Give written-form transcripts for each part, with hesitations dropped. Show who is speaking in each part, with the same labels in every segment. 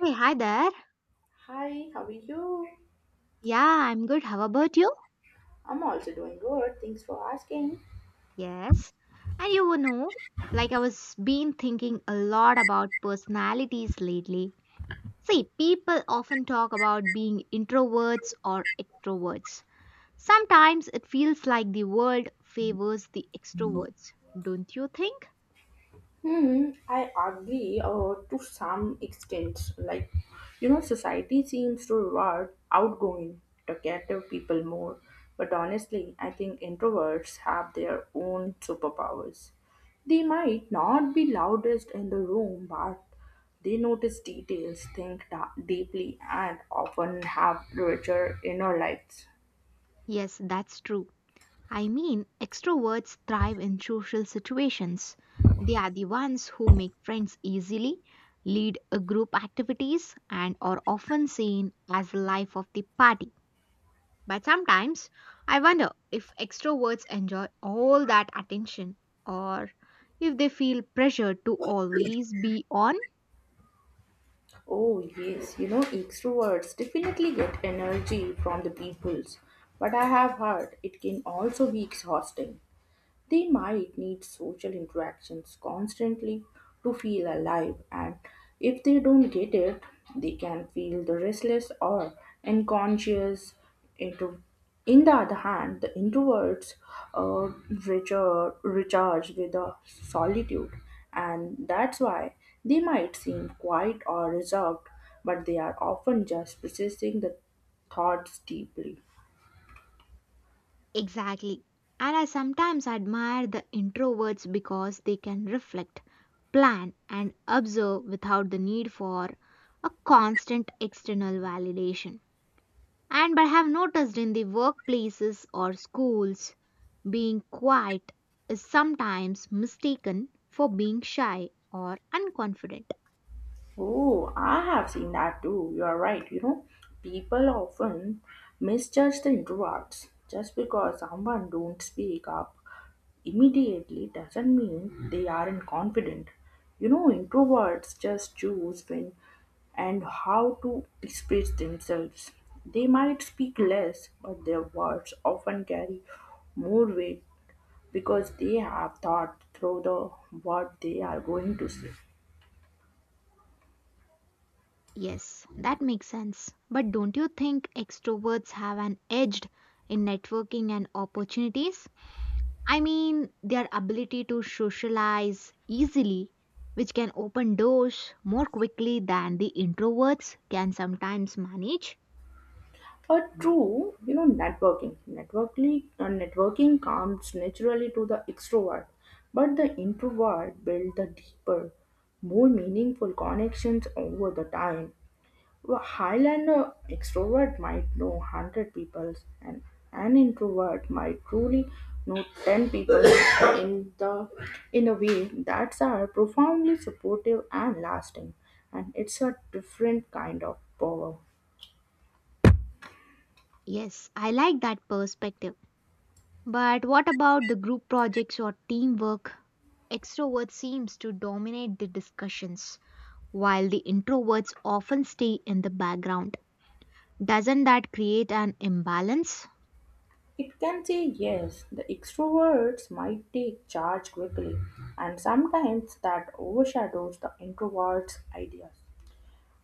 Speaker 1: Hey, hi there.
Speaker 2: Hi, how are you?
Speaker 1: Yeah, I'm good. How about you?
Speaker 2: I'm also doing good. Thanks for asking.
Speaker 1: Yes. And you would know, like I was been thinking a lot about personalities lately. See, people often talk about being introverts or extroverts. Sometimes it feels like the world favors the extroverts, don't you think?
Speaker 2: Hmm, I agree to some extent. Like, you know, society seems to reward outgoing, talkative people more. But honestly, I think introverts have their own superpowers. They might not be loudest in the room, but they notice details, deeply, and often have richer inner lives.
Speaker 1: Yes, that's true. I mean, extroverts thrive in social situations. They are the ones who make friends easily, lead a group activities, and are often seen as the life of the party. But sometimes I wonder if extroverts enjoy all that attention or if they feel pressured to always be on.
Speaker 2: Oh, yes, you know, extroverts definitely get energy from the peoples, but I have heard it can also be exhausting. They might need social interactions constantly to feel alive, and if they don't get it, they can feel the restless or unconscious. Into, in the other hand, the introverts uh, recharge with the solitude, and that's why they might seem quiet or reserved, but they are often just processing the thoughts deeply.
Speaker 1: Exactly. And I sometimes admire the introverts because they can reflect, plan, and observe without the need for a constant external validation. And but I have noticed in the workplaces or schools, being quiet is sometimes mistaken for being shy or unconfident.
Speaker 2: Oh, I have seen that too. You are right. You know, people often misjudge the introverts. Just because someone don't speak up immediately doesn't mean they aren't confident. You know, introverts just choose when and how to express themselves. They might speak less, but their words often carry more weight because they have thought through the what they are going to say.
Speaker 1: Yes, that makes sense. But don't you think extroverts have an edge in networking and opportunities? I mean, their ability to socialize easily, which can open doors more quickly than the introverts can sometimes manage.
Speaker 2: True, you know, networking comes naturally to the extrovert, but the introvert build the deeper, more meaningful connections over the time. A Highlander extrovert might know 100 people, and an introvert might truly know 10 people in the in a way that's are profoundly supportive and lasting, and it's a different kind of power.
Speaker 1: Yes, I like that perspective. But what about the group projects or teamwork? Extrovert seems to dominate the discussions, while the introverts often stay in the background. Doesn't that create an imbalance?
Speaker 2: It can say yes, the extroverts might take charge quickly, and sometimes that overshadows the introverts' ideas.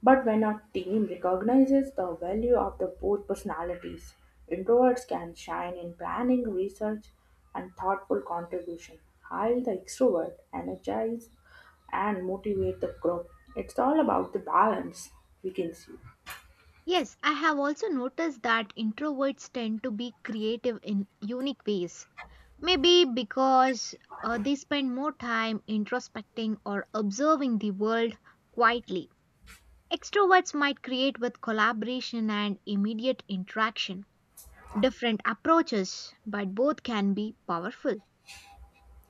Speaker 2: But when a team recognizes the value of the both personalities, introverts can shine in planning, research, and thoughtful contribution, while the extrovert energize and motivate the group. It's all about the balance, we can see.
Speaker 1: Yes, I have also noticed that introverts tend to be creative in unique ways. Maybe because they spend more time introspecting or observing the world quietly. Extroverts might create with collaboration and immediate interaction. Different approaches, but both can be powerful.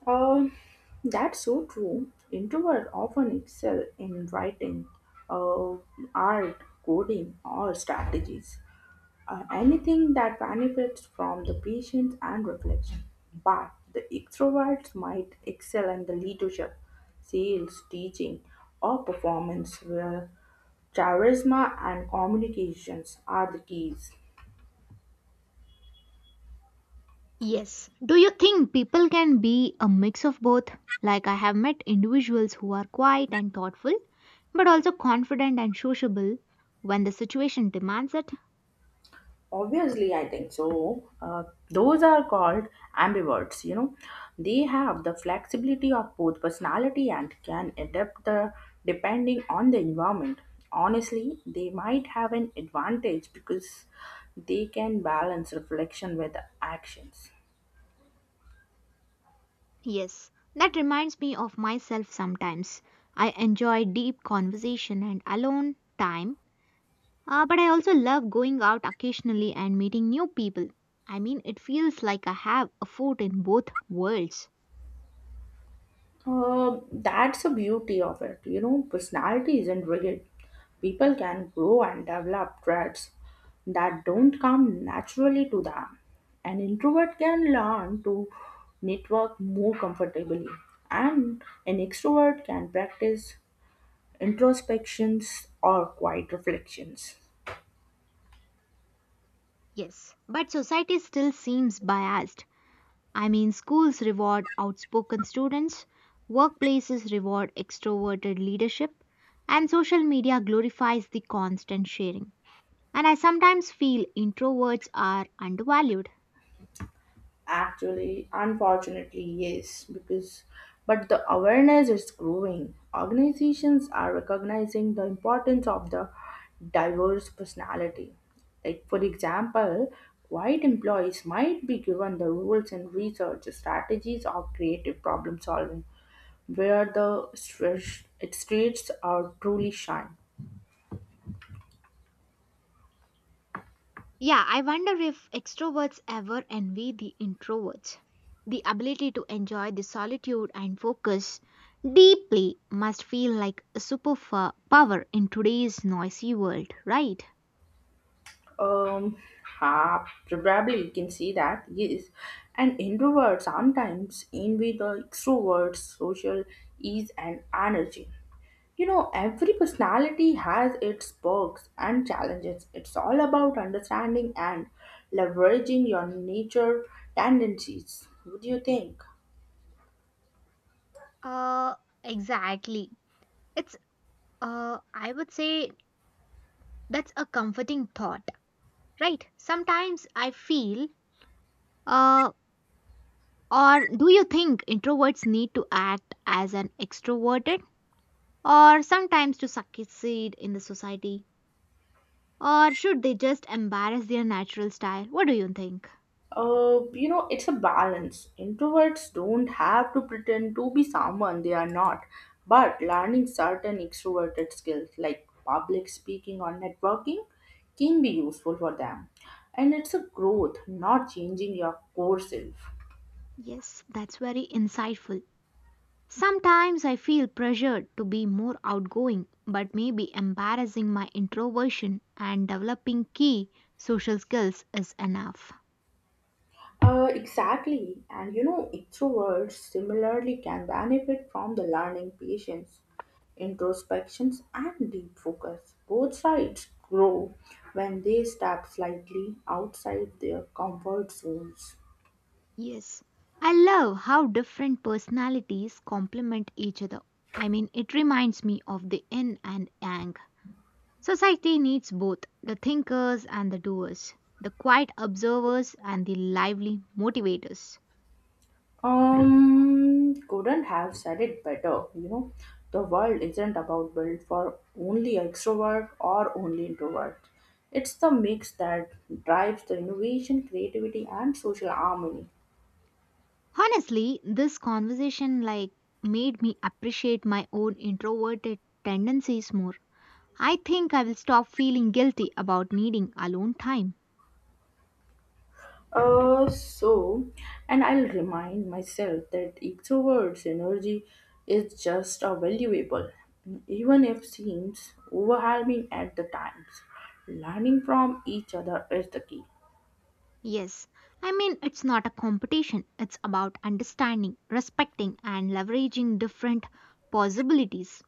Speaker 2: Um, that's so true. Introverts often excel in writing, uh, art, coding, or strategies. Anything that benefits from the patience and reflection. But the extroverts might excel in the leadership, sales, teaching, or performance, where charisma and communications are the keys.
Speaker 1: Yes. Do you think people can be a mix of both? Like, I have met individuals who are quiet and thoughtful, but also confident and sociable when the situation demands it.
Speaker 2: Obviously, I think so. Those are called ambiverts, you know. They have the flexibility of both personality and can adapt depending on the environment. Honestly, they might have an advantage because they can balance reflection with actions.
Speaker 1: Yes, that reminds me of myself sometimes. I enjoy deep conversation and alone time, but I also love going out occasionally and meeting new people. I mean, it feels like I have a foot in both worlds.
Speaker 2: That's the beauty of it. You know, personality isn't rigid. People can grow and develop traits that don't come naturally to them. An introvert can learn to network more comfortably, and an extrovert can practice introspections or quiet reflections.
Speaker 1: Yes, but society still seems biased. I mean, schools reward outspoken students, workplaces reward extroverted leadership, and social media glorifies the constant sharing. And I sometimes feel introverts are undervalued.
Speaker 2: Actually, unfortunately, yes, because but the awareness is growing. Organizations are recognizing the importance of the diverse personality. Like for example, white employees might be given the roles in research strategies or creative problem solving where the its streets are truly shine.
Speaker 1: Yeah, I wonder if extroverts ever envy the introverts. The ability to enjoy the solitude and focus deeply must feel like a power in today's noisy world, right?
Speaker 2: Um, Ha, probably you can say that, yes. An introvert sometimes envy the extrovert's social ease and energy. You know, every personality has its perks and challenges. It's all about understanding and leveraging your nature tendencies. What do you think?
Speaker 1: Uh, exactly. It's, I would say that's a comforting thought, right? Sometimes I feel, Uh, or do you think introverts need to act as an extroverted or sometimes to succeed in the society? Or should they just embrace their natural style? What do you think?
Speaker 2: You know, it's a balance. Introverts don't have to pretend to be someone they are not, but learning certain extroverted skills like public speaking or networking can be useful for them. And it's a growth, not changing your core self.
Speaker 1: Yes, that's very insightful. Sometimes I feel pressured to be more outgoing, but maybe embarrassing my introversion and developing key social skills is enough.
Speaker 2: Exactly. And you know, extroverts similarly can benefit from the learning patience, introspections, and deep focus. Both sides grow when they step slightly outside their comfort zones.
Speaker 1: Yes, I love how different personalities complement each other. I mean, it reminds me of the yin and yang. Society needs both the thinkers and the doers, the quiet observers and the lively motivators.
Speaker 2: Couldn't have said it better. You know, the world isn't about built for only extrovert or only introvert. It's the mix that drives the innovation, creativity, and social harmony.
Speaker 1: Honestly, this conversation like made me appreciate my own introverted tendencies more. I think I will stop feeling guilty about needing alone time.
Speaker 2: Uh, so, and I'll remind myself that extrovert's energy is just a valuable, even if seems overwhelming at the times. Learning from each other is the key.
Speaker 1: Yes, I mean it's not a competition, it's about understanding, respecting and leveraging different possibilities.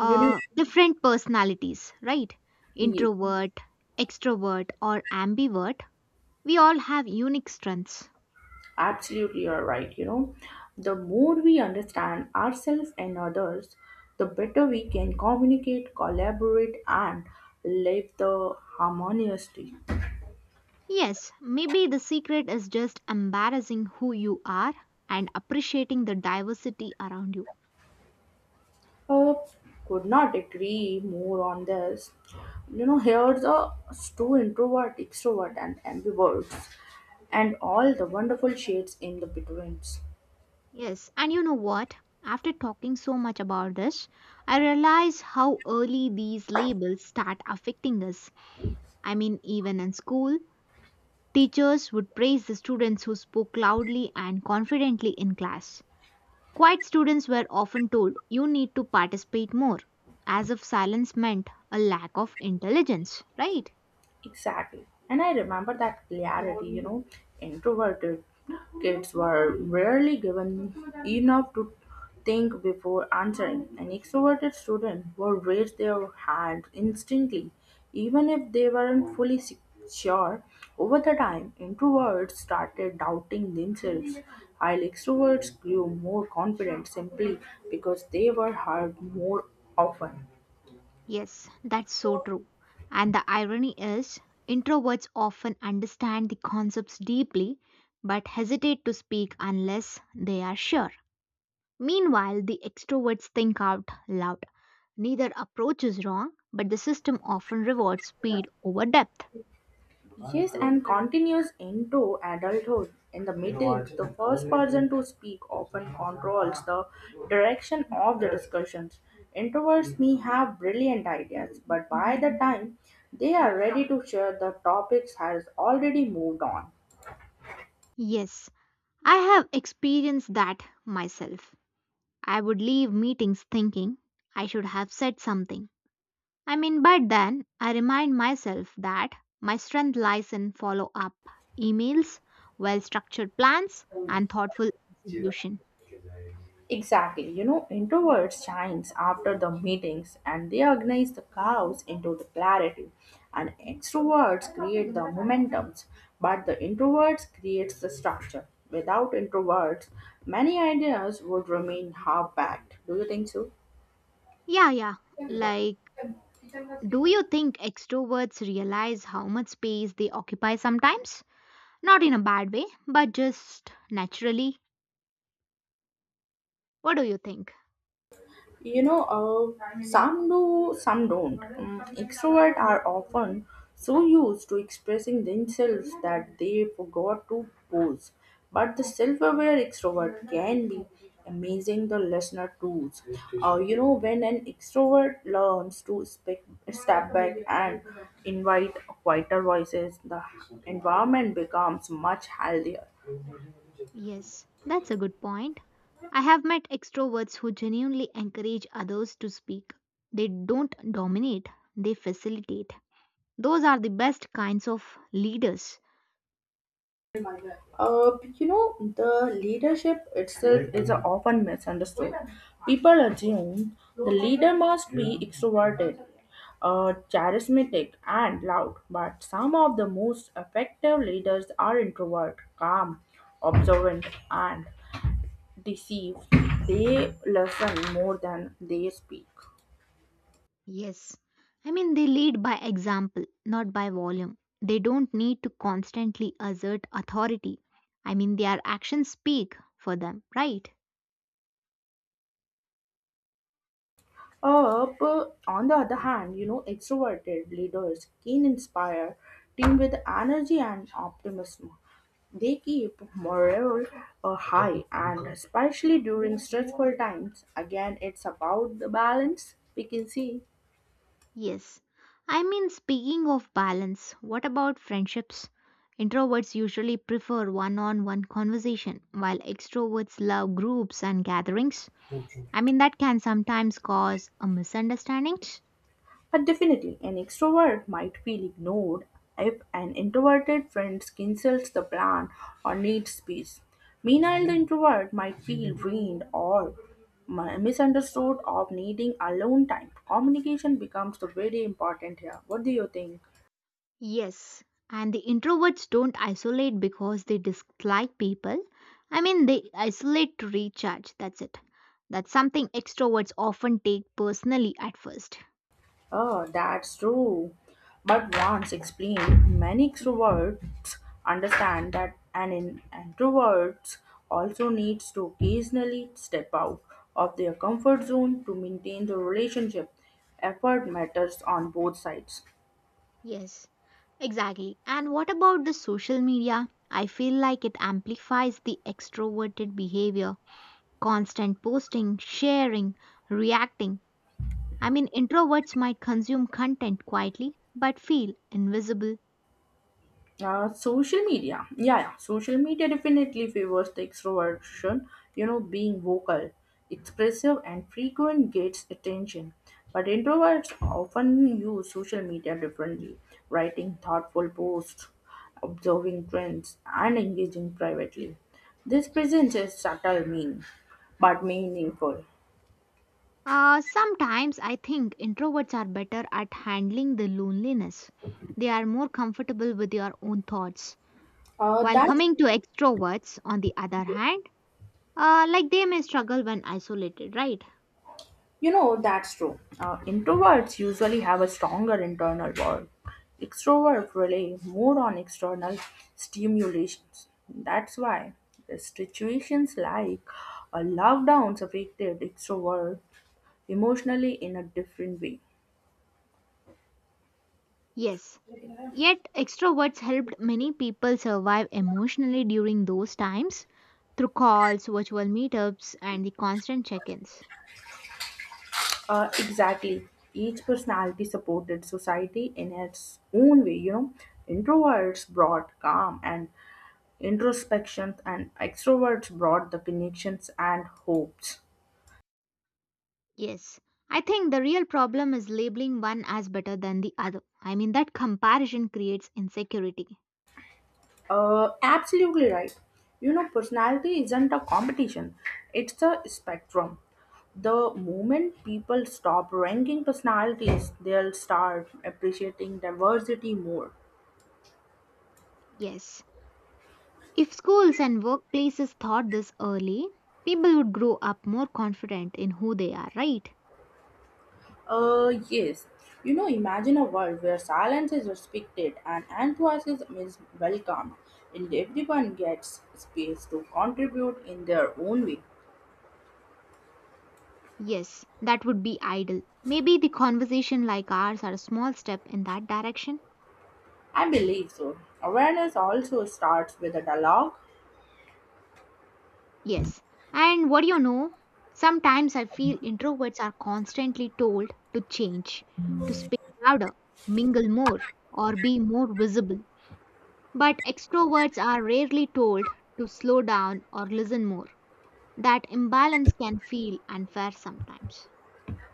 Speaker 2: You know,
Speaker 1: Different personalities, right?
Speaker 2: yes,
Speaker 1: Introvert, extrovert, or ambivert, we all have unique strengths.
Speaker 2: absolutely, you're right. You know, the more we understand ourselves and others, the better we can communicate, collaborate, and live the harmoniously.
Speaker 1: Yes, maybe the secret is just embarrassing who you are and appreciating the diversity around you.
Speaker 2: Uh, could not agree more on this. You know, here's a true introvert, extrovert, and ambiverts, and all the wonderful shades in the betweens.
Speaker 1: Yes, and you know what? After talking so much about this, I realize how early these labels start affecting us. I mean, even in school, teachers would praise the students who spoke loudly and confidently in class. Quiet students were often told, you need to participate more, as if silence meant a lack of intelligence, right?
Speaker 2: Exactly. And I remember that clarity, you know, introverted kids were rarely given enough to think before answering. And extroverted students would raise their hand instantly, even if they weren't sure. Over the time, introverts started doubting themselves, while extroverts grew more confident simply because they were heard more often.
Speaker 1: Yes, that's so true. And the irony is, introverts often understand the concepts deeply but hesitate to speak unless they are sure. Meanwhile, the extroverts think out loud. Neither approach is wrong, but the system often rewards speed over depth.
Speaker 2: Yes, and continues into adulthood. In the meetings, the first person to speak often controls the direction of the discussions. Introverts may have brilliant ideas, but by the time they are ready to share, the topics has already moved on.
Speaker 1: Yes, I have experienced that myself. I would leave meetings thinking I should have said something. I mean, but then I remind myself that my strength lies in follow up, emails, well structured plans, and thoughtful execution.
Speaker 2: Exactly. You know, introverts shines after the meetings and they organize the chaos into the clarity. And extroverts create the momentums, but the introverts creates the structure. Without introverts, many ideas would remain half-packed. Do you think so?
Speaker 1: Yeah, yeah. Like, do you think extroverts realize how much space they occupy sometimes? Not in a bad way, but just naturally. What do you think?
Speaker 2: You know some do some don't extroverts are often so used to expressing themselves that they forgot to pose, but the self-aware extrovert can be amazing the listener tools. You know, when an extrovert learns to speak, step back and invite quieter voices, the environment becomes much healthier.
Speaker 1: Yes, that's a good point. I have met extroverts who genuinely encourage others to speak. They don't dominate, they facilitate. Those are the best kinds of leaders.
Speaker 2: You know, the leadership itself is a often misunderstood. People assume the leader must be extroverted, charismatic, and loud, but some of the most effective leaders are introvert, calm, observant, and deceived. They listen more than they speak.
Speaker 1: Yes. I mean, they lead by example, not by volume. They don't need to constantly assert authority. I mean, their actions speak for them, right?
Speaker 2: But on the other hand, you know, extroverted leaders can inspire team with energy and optimism. They keep morale high and especially during stressful times. Again, it's about the balance we can see.
Speaker 1: Yes. I mean, speaking of balance, what about friendships? Introverts usually prefer one on one conversation, while extroverts love groups and gatherings. I mean, that can sometimes cause a misunderstanding.
Speaker 2: But definitely, an extrovert might feel ignored if an introverted friend cancels the plan or needs space. Meanwhile, the introvert might feel drained or misunderstood of needing alone time. Communication becomes the very important here. What do you think?
Speaker 1: Yes. And the introverts don't isolate because they dislike people. I mean, they isolate to recharge, that's it. That's something extroverts often take personally at first.
Speaker 2: Oh, that's true. But once explained, many extroverts understand that an introvert also needs to occasionally step out of their comfort zone to maintain the relationship. Effort matters on both sides.
Speaker 1: Yes. Exactly. And what about the social media? I feel like it amplifies the extroverted behavior, constant posting, sharing, reacting. I mean, introverts might consume content quietly but feel invisible.
Speaker 2: Social media. Yeah, yeah. Social media definitely favors the extroversion, you know, being vocal, expressive, and frequent gets attention. But introverts often use social media differently, writing thoughtful posts, observing trends, and engaging privately. This presents a subtle meaning, but meaningful.
Speaker 1: Sometimes I think introverts are better at handling the loneliness. They are more comfortable with their own thoughts. While
Speaker 2: That
Speaker 1: coming to extroverts, on the other hand, like they may struggle when isolated, right?
Speaker 2: You know, that's true. Introverts usually have a stronger internal world. Extroverts rely more on external stimulations. That's why the situations like a lockdowns affected extrovert emotionally in a different way.
Speaker 1: Yes, yet, extroverts helped many people survive emotionally during those times through calls, virtual meetups, and the constant check ins.
Speaker 2: Exactly. Each personality supported society in its own way, you know. Introverts brought calm and introspection, and extroverts brought the connections and hopes.
Speaker 1: Yes, I think the real problem is labeling one as better than the other. I mean, that comparison creates insecurity.
Speaker 2: Absolutely right. You know, personality isn't a competition, it's a spectrum. The moment people stop ranking personalities, they'll start appreciating diversity more.
Speaker 1: Yes. If schools and workplaces taught this early, people would grow up more confident in who they are, right?
Speaker 2: Yes. You know, imagine a world where silence is respected and enthusiasm is welcomed, and everyone gets space to contribute in their own way.
Speaker 1: Yes, that would be ideal. Maybe the conversation like ours are a small step in that direction.
Speaker 2: I believe so. Awareness also starts with a dialogue.
Speaker 1: Yes. And what do you know? Sometimes I feel introverts are constantly told to change, to speak louder, mingle more, or be more visible. But extroverts are rarely told to slow down or listen more. That imbalance can feel unfair sometimes.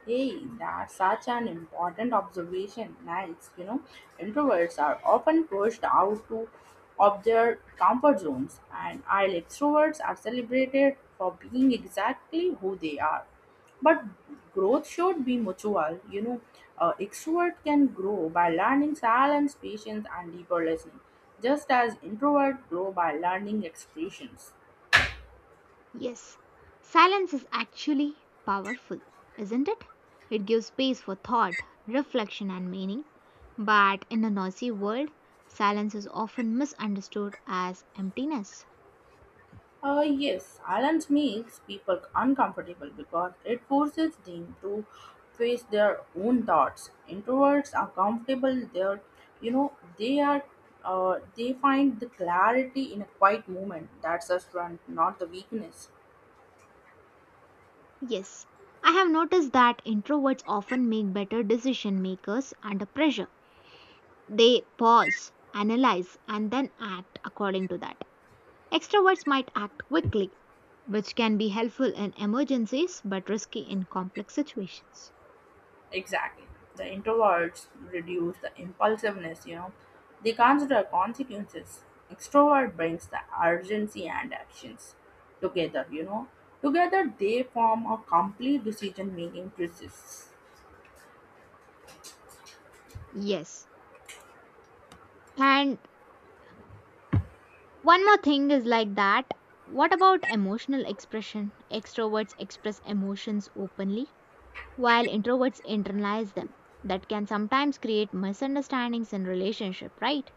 Speaker 2: Hey, that's such an important observation. Nice. You know, introverts are often pushed out to of their comfort zones, and while extroverts are celebrated for being exactly who they are. But growth should be mutual. You know, extrovert can grow by learning silence, patience, and deeper listening, just as introvert grow by learning expressions.
Speaker 1: Yes, silence is actually powerful, isn't it? It gives space for thought, reflection, and meaning. But in a noisy world, silence is often misunderstood as emptiness.
Speaker 2: Yes, silence makes people uncomfortable because it forces them to face their own thoughts. Introverts are comfortable there, you know, they are. They find the clarity in a quiet moment. That's a strength, not the weakness.
Speaker 1: Yes, I have noticed that introverts often make better decision makers under pressure. They pause, analyze, and then act according to that. Extroverts might act quickly, which can be helpful in emergencies but risky in complex situations.
Speaker 2: Exactly. The introverts reduce the impulsiveness, you know. They consider consequences. Extrovert brings the urgency and actions together, you know. Together they form a complete decision making process.
Speaker 1: Yes, and one more thing is like that. What about emotional expression? Extroverts express emotions openly, while introverts internalize them. That can sometimes create misunderstandings in relationship, right?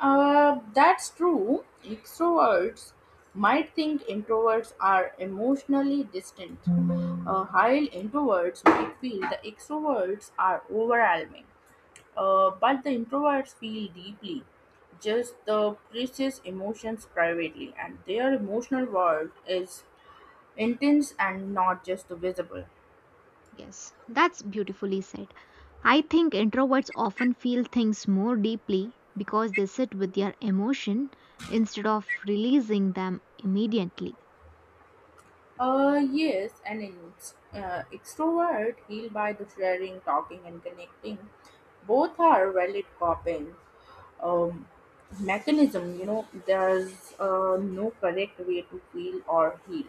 Speaker 2: That's true. Extroverts might think introverts are emotionally distant. While introverts might feel the extroverts are overwhelming. But the introverts feel deeply, just the process emotions privately, and their emotional world is intense and not just visible.
Speaker 1: Yes, that's beautifully said. I think introverts often feel things more deeply because they sit with their emotion instead of releasing them immediately.
Speaker 2: Yes, and an extrovert healed by the sharing, talking, and connecting. Both are valid coping um, mechanism. You know, there's no correct way to feel or heal.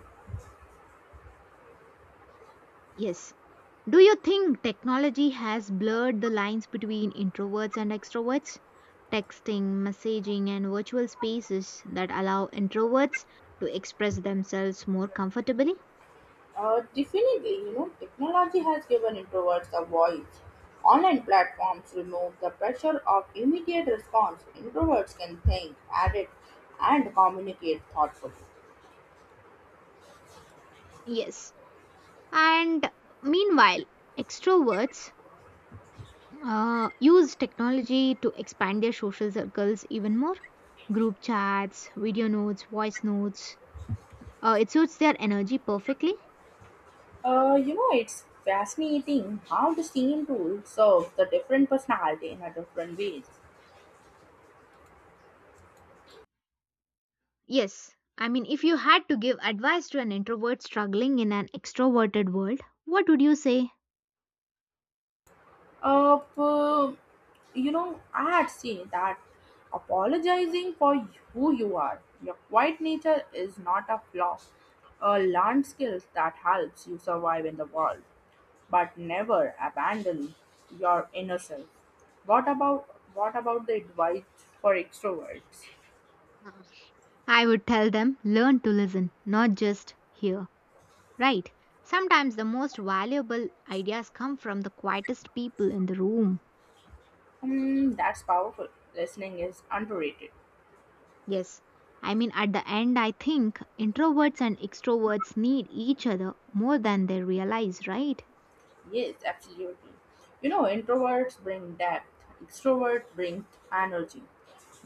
Speaker 1: Yes, do you think technology has blurred the lines between introverts and extroverts? Texting, messaging, and virtual spaces that allow introverts to express themselves more comfortably?
Speaker 2: Definitely, you know, technology has given introverts a voice. Online platforms remove the pressure of immediate response. Introverts can think, edit, and communicate thoughtfully.
Speaker 1: Yes. And meanwhile, extroverts use technology to expand their social circles even more. Group chats, video notes, voice notes. It suits their energy perfectly.
Speaker 2: You know, it's fascinating how the same tool serves the different personality in a different ways.
Speaker 1: Yes, I mean, if you had to give advice to an introvert struggling in an extroverted world, what would you say?
Speaker 2: Uh, p- you know, I had seen that apologizing for who you are, your quiet nature is not a flaw, a learned skill that helps you survive in the world, but never abandon your inner self. What about what about the advice for extroverts?
Speaker 1: I would tell them learn to listen, not just hear. Right? Sometimes the most valuable ideas come from the quietest people in the room.
Speaker 2: Hmm, that's powerful. Listening is underrated.
Speaker 1: Yes. I mean, at the end, I think introverts and extroverts need each other more than they realize, right?
Speaker 2: Yes, absolutely. You know, introverts bring depth, extroverts bring energy.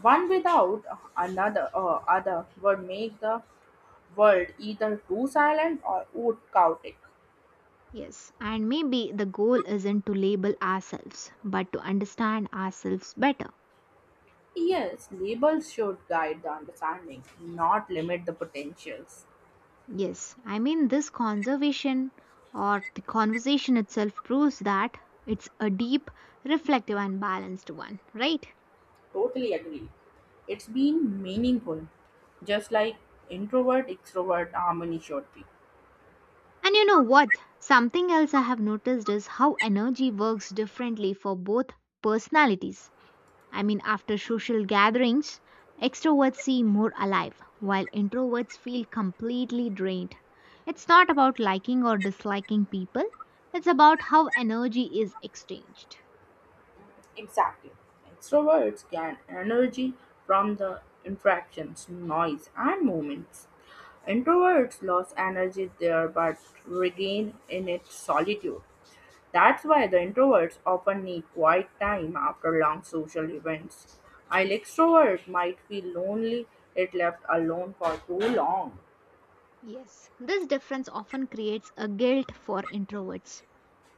Speaker 2: One without another other would make the world either too silent or too chaotic.
Speaker 1: Yes, and maybe the goal isn't to label ourselves, but to understand ourselves better.
Speaker 2: Yes, labels should guide the understanding, not limit the potentials.
Speaker 1: Yes, I mean, this conservation or the conversation itself proves that it's a deep, reflective, and balanced one, right?
Speaker 2: Totally agree. It's been meaningful, just like introvert extrovert harmony should be.
Speaker 1: And you know what? Something else I have noticed is how energy works differently for both personalities. I mean, after social gatherings, extroverts seem more alive, while introverts feel completely drained. It's not about liking or disliking people, it's about how energy is exchanged.
Speaker 2: Exactly. Extroverts gain energy from the interactions, noise, and movements. Introverts lose energy there but regain in it solitude. That's why the introverts often need quiet time after long social events. While extroverts might feel lonely if left alone for too long.
Speaker 1: Yes, this difference often creates a guilt for introverts.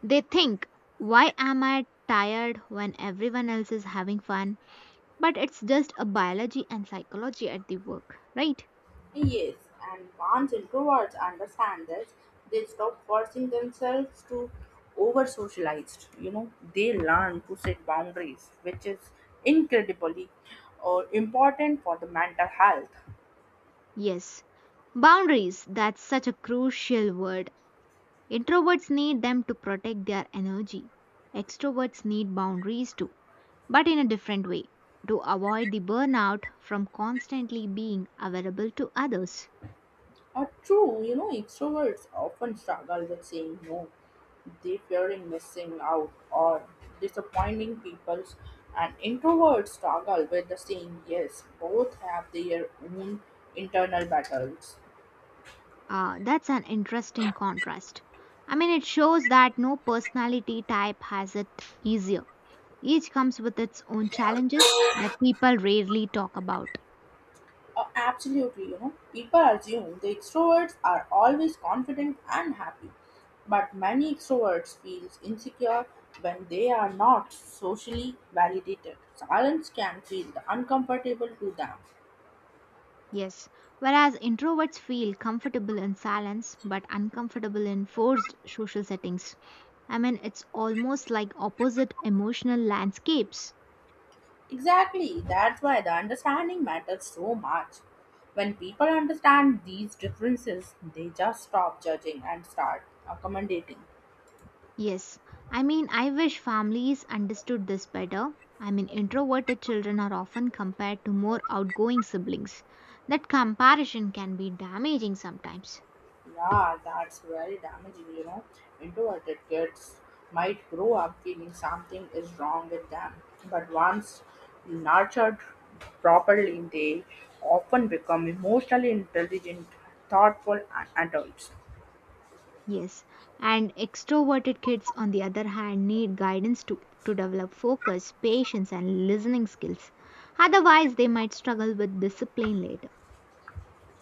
Speaker 1: They think, why am I tired when everyone else is having fun? But it's just a biology and psychology at the work, right?
Speaker 2: Yes, and once introverts understand this, they stop forcing themselves to over socialized. You know, they learn to set boundaries, which is incredibly important for the mental health.
Speaker 1: Yes. Boundaries, that's such a crucial word. Introverts need them to protect their energy. Extroverts need boundaries too, but in a different way to avoid the burnout from constantly being available to others.
Speaker 2: Or true, you know, extroverts often struggle with saying no. They fearing missing out or disappointing people, and introverts struggle with the saying yes. Both have their own internal battles.
Speaker 1: That's an interesting contrast. I mean, it shows that no personality type has it easier. Each comes with its own challenges that people rarely talk about.
Speaker 2: Absolutely, you know, people assume the extroverts are always confident and happy, but many extroverts feel insecure when they are not socially validated. Silence can feel uncomfortable to them.
Speaker 1: Yes, whereas introverts feel comfortable in silence but uncomfortable in forced social settings. I mean, it's almost like opposite emotional landscapes.
Speaker 2: Exactly, that's why the understanding matters so much. When people understand these differences, they just stop judging and start accommodating.
Speaker 1: Yes, I mean, I wish families understood this better. I mean, introverted children are often compared to more outgoing siblings. That comparison can be damaging sometimes.
Speaker 2: Yeah, that's very damaging, you know. Introverted kids might grow up feeling something is wrong with them, but once nurtured properly, they often become emotionally intelligent, thoughtful, and adults.
Speaker 1: Yes, and extroverted kids, on the other hand, need guidance to develop focus, patience, and listening skills. Otherwise, they might struggle with discipline later.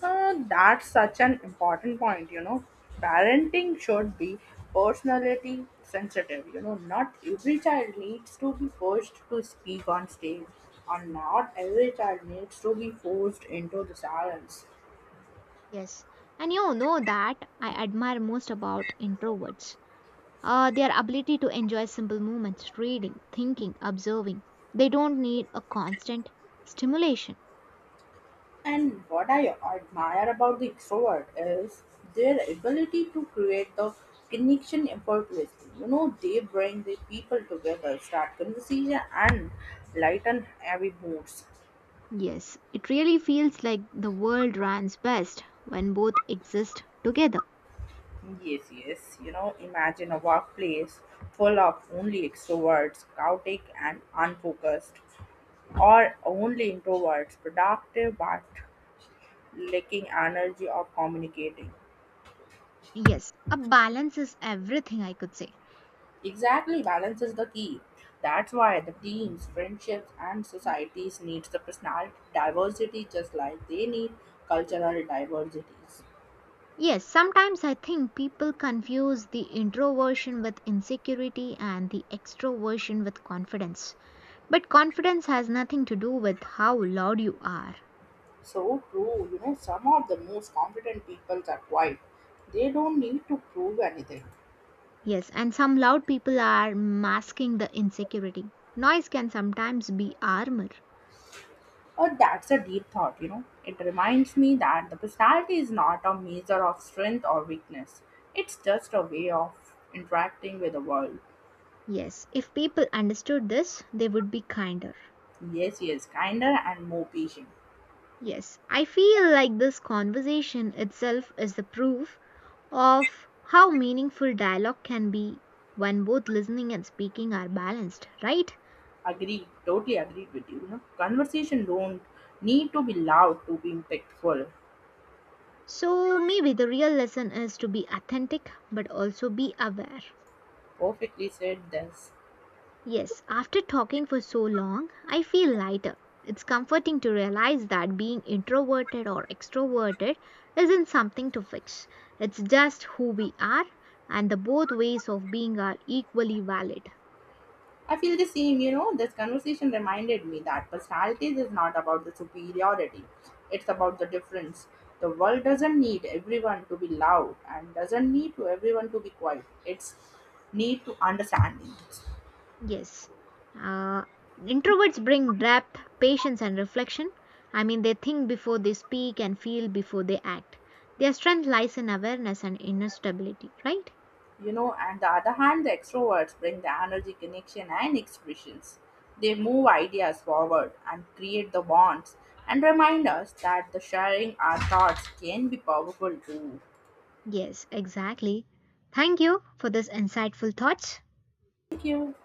Speaker 2: That's such an important point, you know. Parenting should be personality sensitive. You know, not every child needs to be forced to speak on stage, or not every child needs to be forced into the silence.
Speaker 1: Yes, and you know that I admire most about introverts. Their ability to enjoy simple movements, reading, thinking, observing. They don't need a constant stimulation.
Speaker 2: And what I admire about the extrovert is their ability to create the connection effortlessly. You know, they bring the people together, start conversation, and lighten heavy moods.
Speaker 1: Yes, it really feels like the world runs best when both exist together.
Speaker 2: Yes, yes. You know, imagine a workplace full of only extroverts, chaotic and unfocused, or only introverts, productive but lacking energy of communicating.
Speaker 1: Yes, a balance is everything, I could say.
Speaker 2: Exactly, balance is the key. That's why the teams, friendships, and societies needs the personality diversity just like they need cultural diversities.
Speaker 1: Yes, sometimes I think people confuse the introversion with insecurity and the extroversion with confidence. But confidence has nothing to do with how loud you are.
Speaker 2: So true, you know, some of the most confident people are quiet. They don't need to prove anything.
Speaker 1: Yes, and some loud people are masking the insecurity. Noise can sometimes be armor.
Speaker 2: Oh, that's a deep thought, you know. It reminds me that the personality is not a measure of strength or weakness. It's just a way of interacting with the world.
Speaker 1: Yes, if people understood this, they would be kinder.
Speaker 2: Yes, yes, kinder and more patient.
Speaker 1: Yes, I feel like this conversation itself is the proof of how meaningful dialogue can be when both listening and speaking are balanced, right?
Speaker 2: Agreed, totally agreed with you. You know. Conversation don't need to be loud to be impactful.
Speaker 1: So maybe the real lesson is to be authentic but also be aware.
Speaker 2: Perfectly said this.
Speaker 1: Yes, after talking for so long, I feel lighter. It's comforting to realize that being introverted or extroverted isn't something to fix. It's just who we are, and the both ways of being are equally valid.
Speaker 2: I feel the same, you know. This conversation reminded me that personalities is not about the superiority, it's about the difference. The world doesn't need everyone to be loud and doesn't need to everyone to be quiet. It's need to understanding.
Speaker 1: Yes. Uh, Introverts bring depth, patience, and reflection. I mean, they think before they speak and feel before they act. Their strength lies in awareness and inner stability, right?
Speaker 2: You know, and the other hand, the extroverts bring the energy, connection, and expressions. They move ideas forward and create the bonds and remind us that the sharing our thoughts can be powerful too.
Speaker 1: Yes, exactly. Thank you for this insightful thoughts.
Speaker 2: Thank you.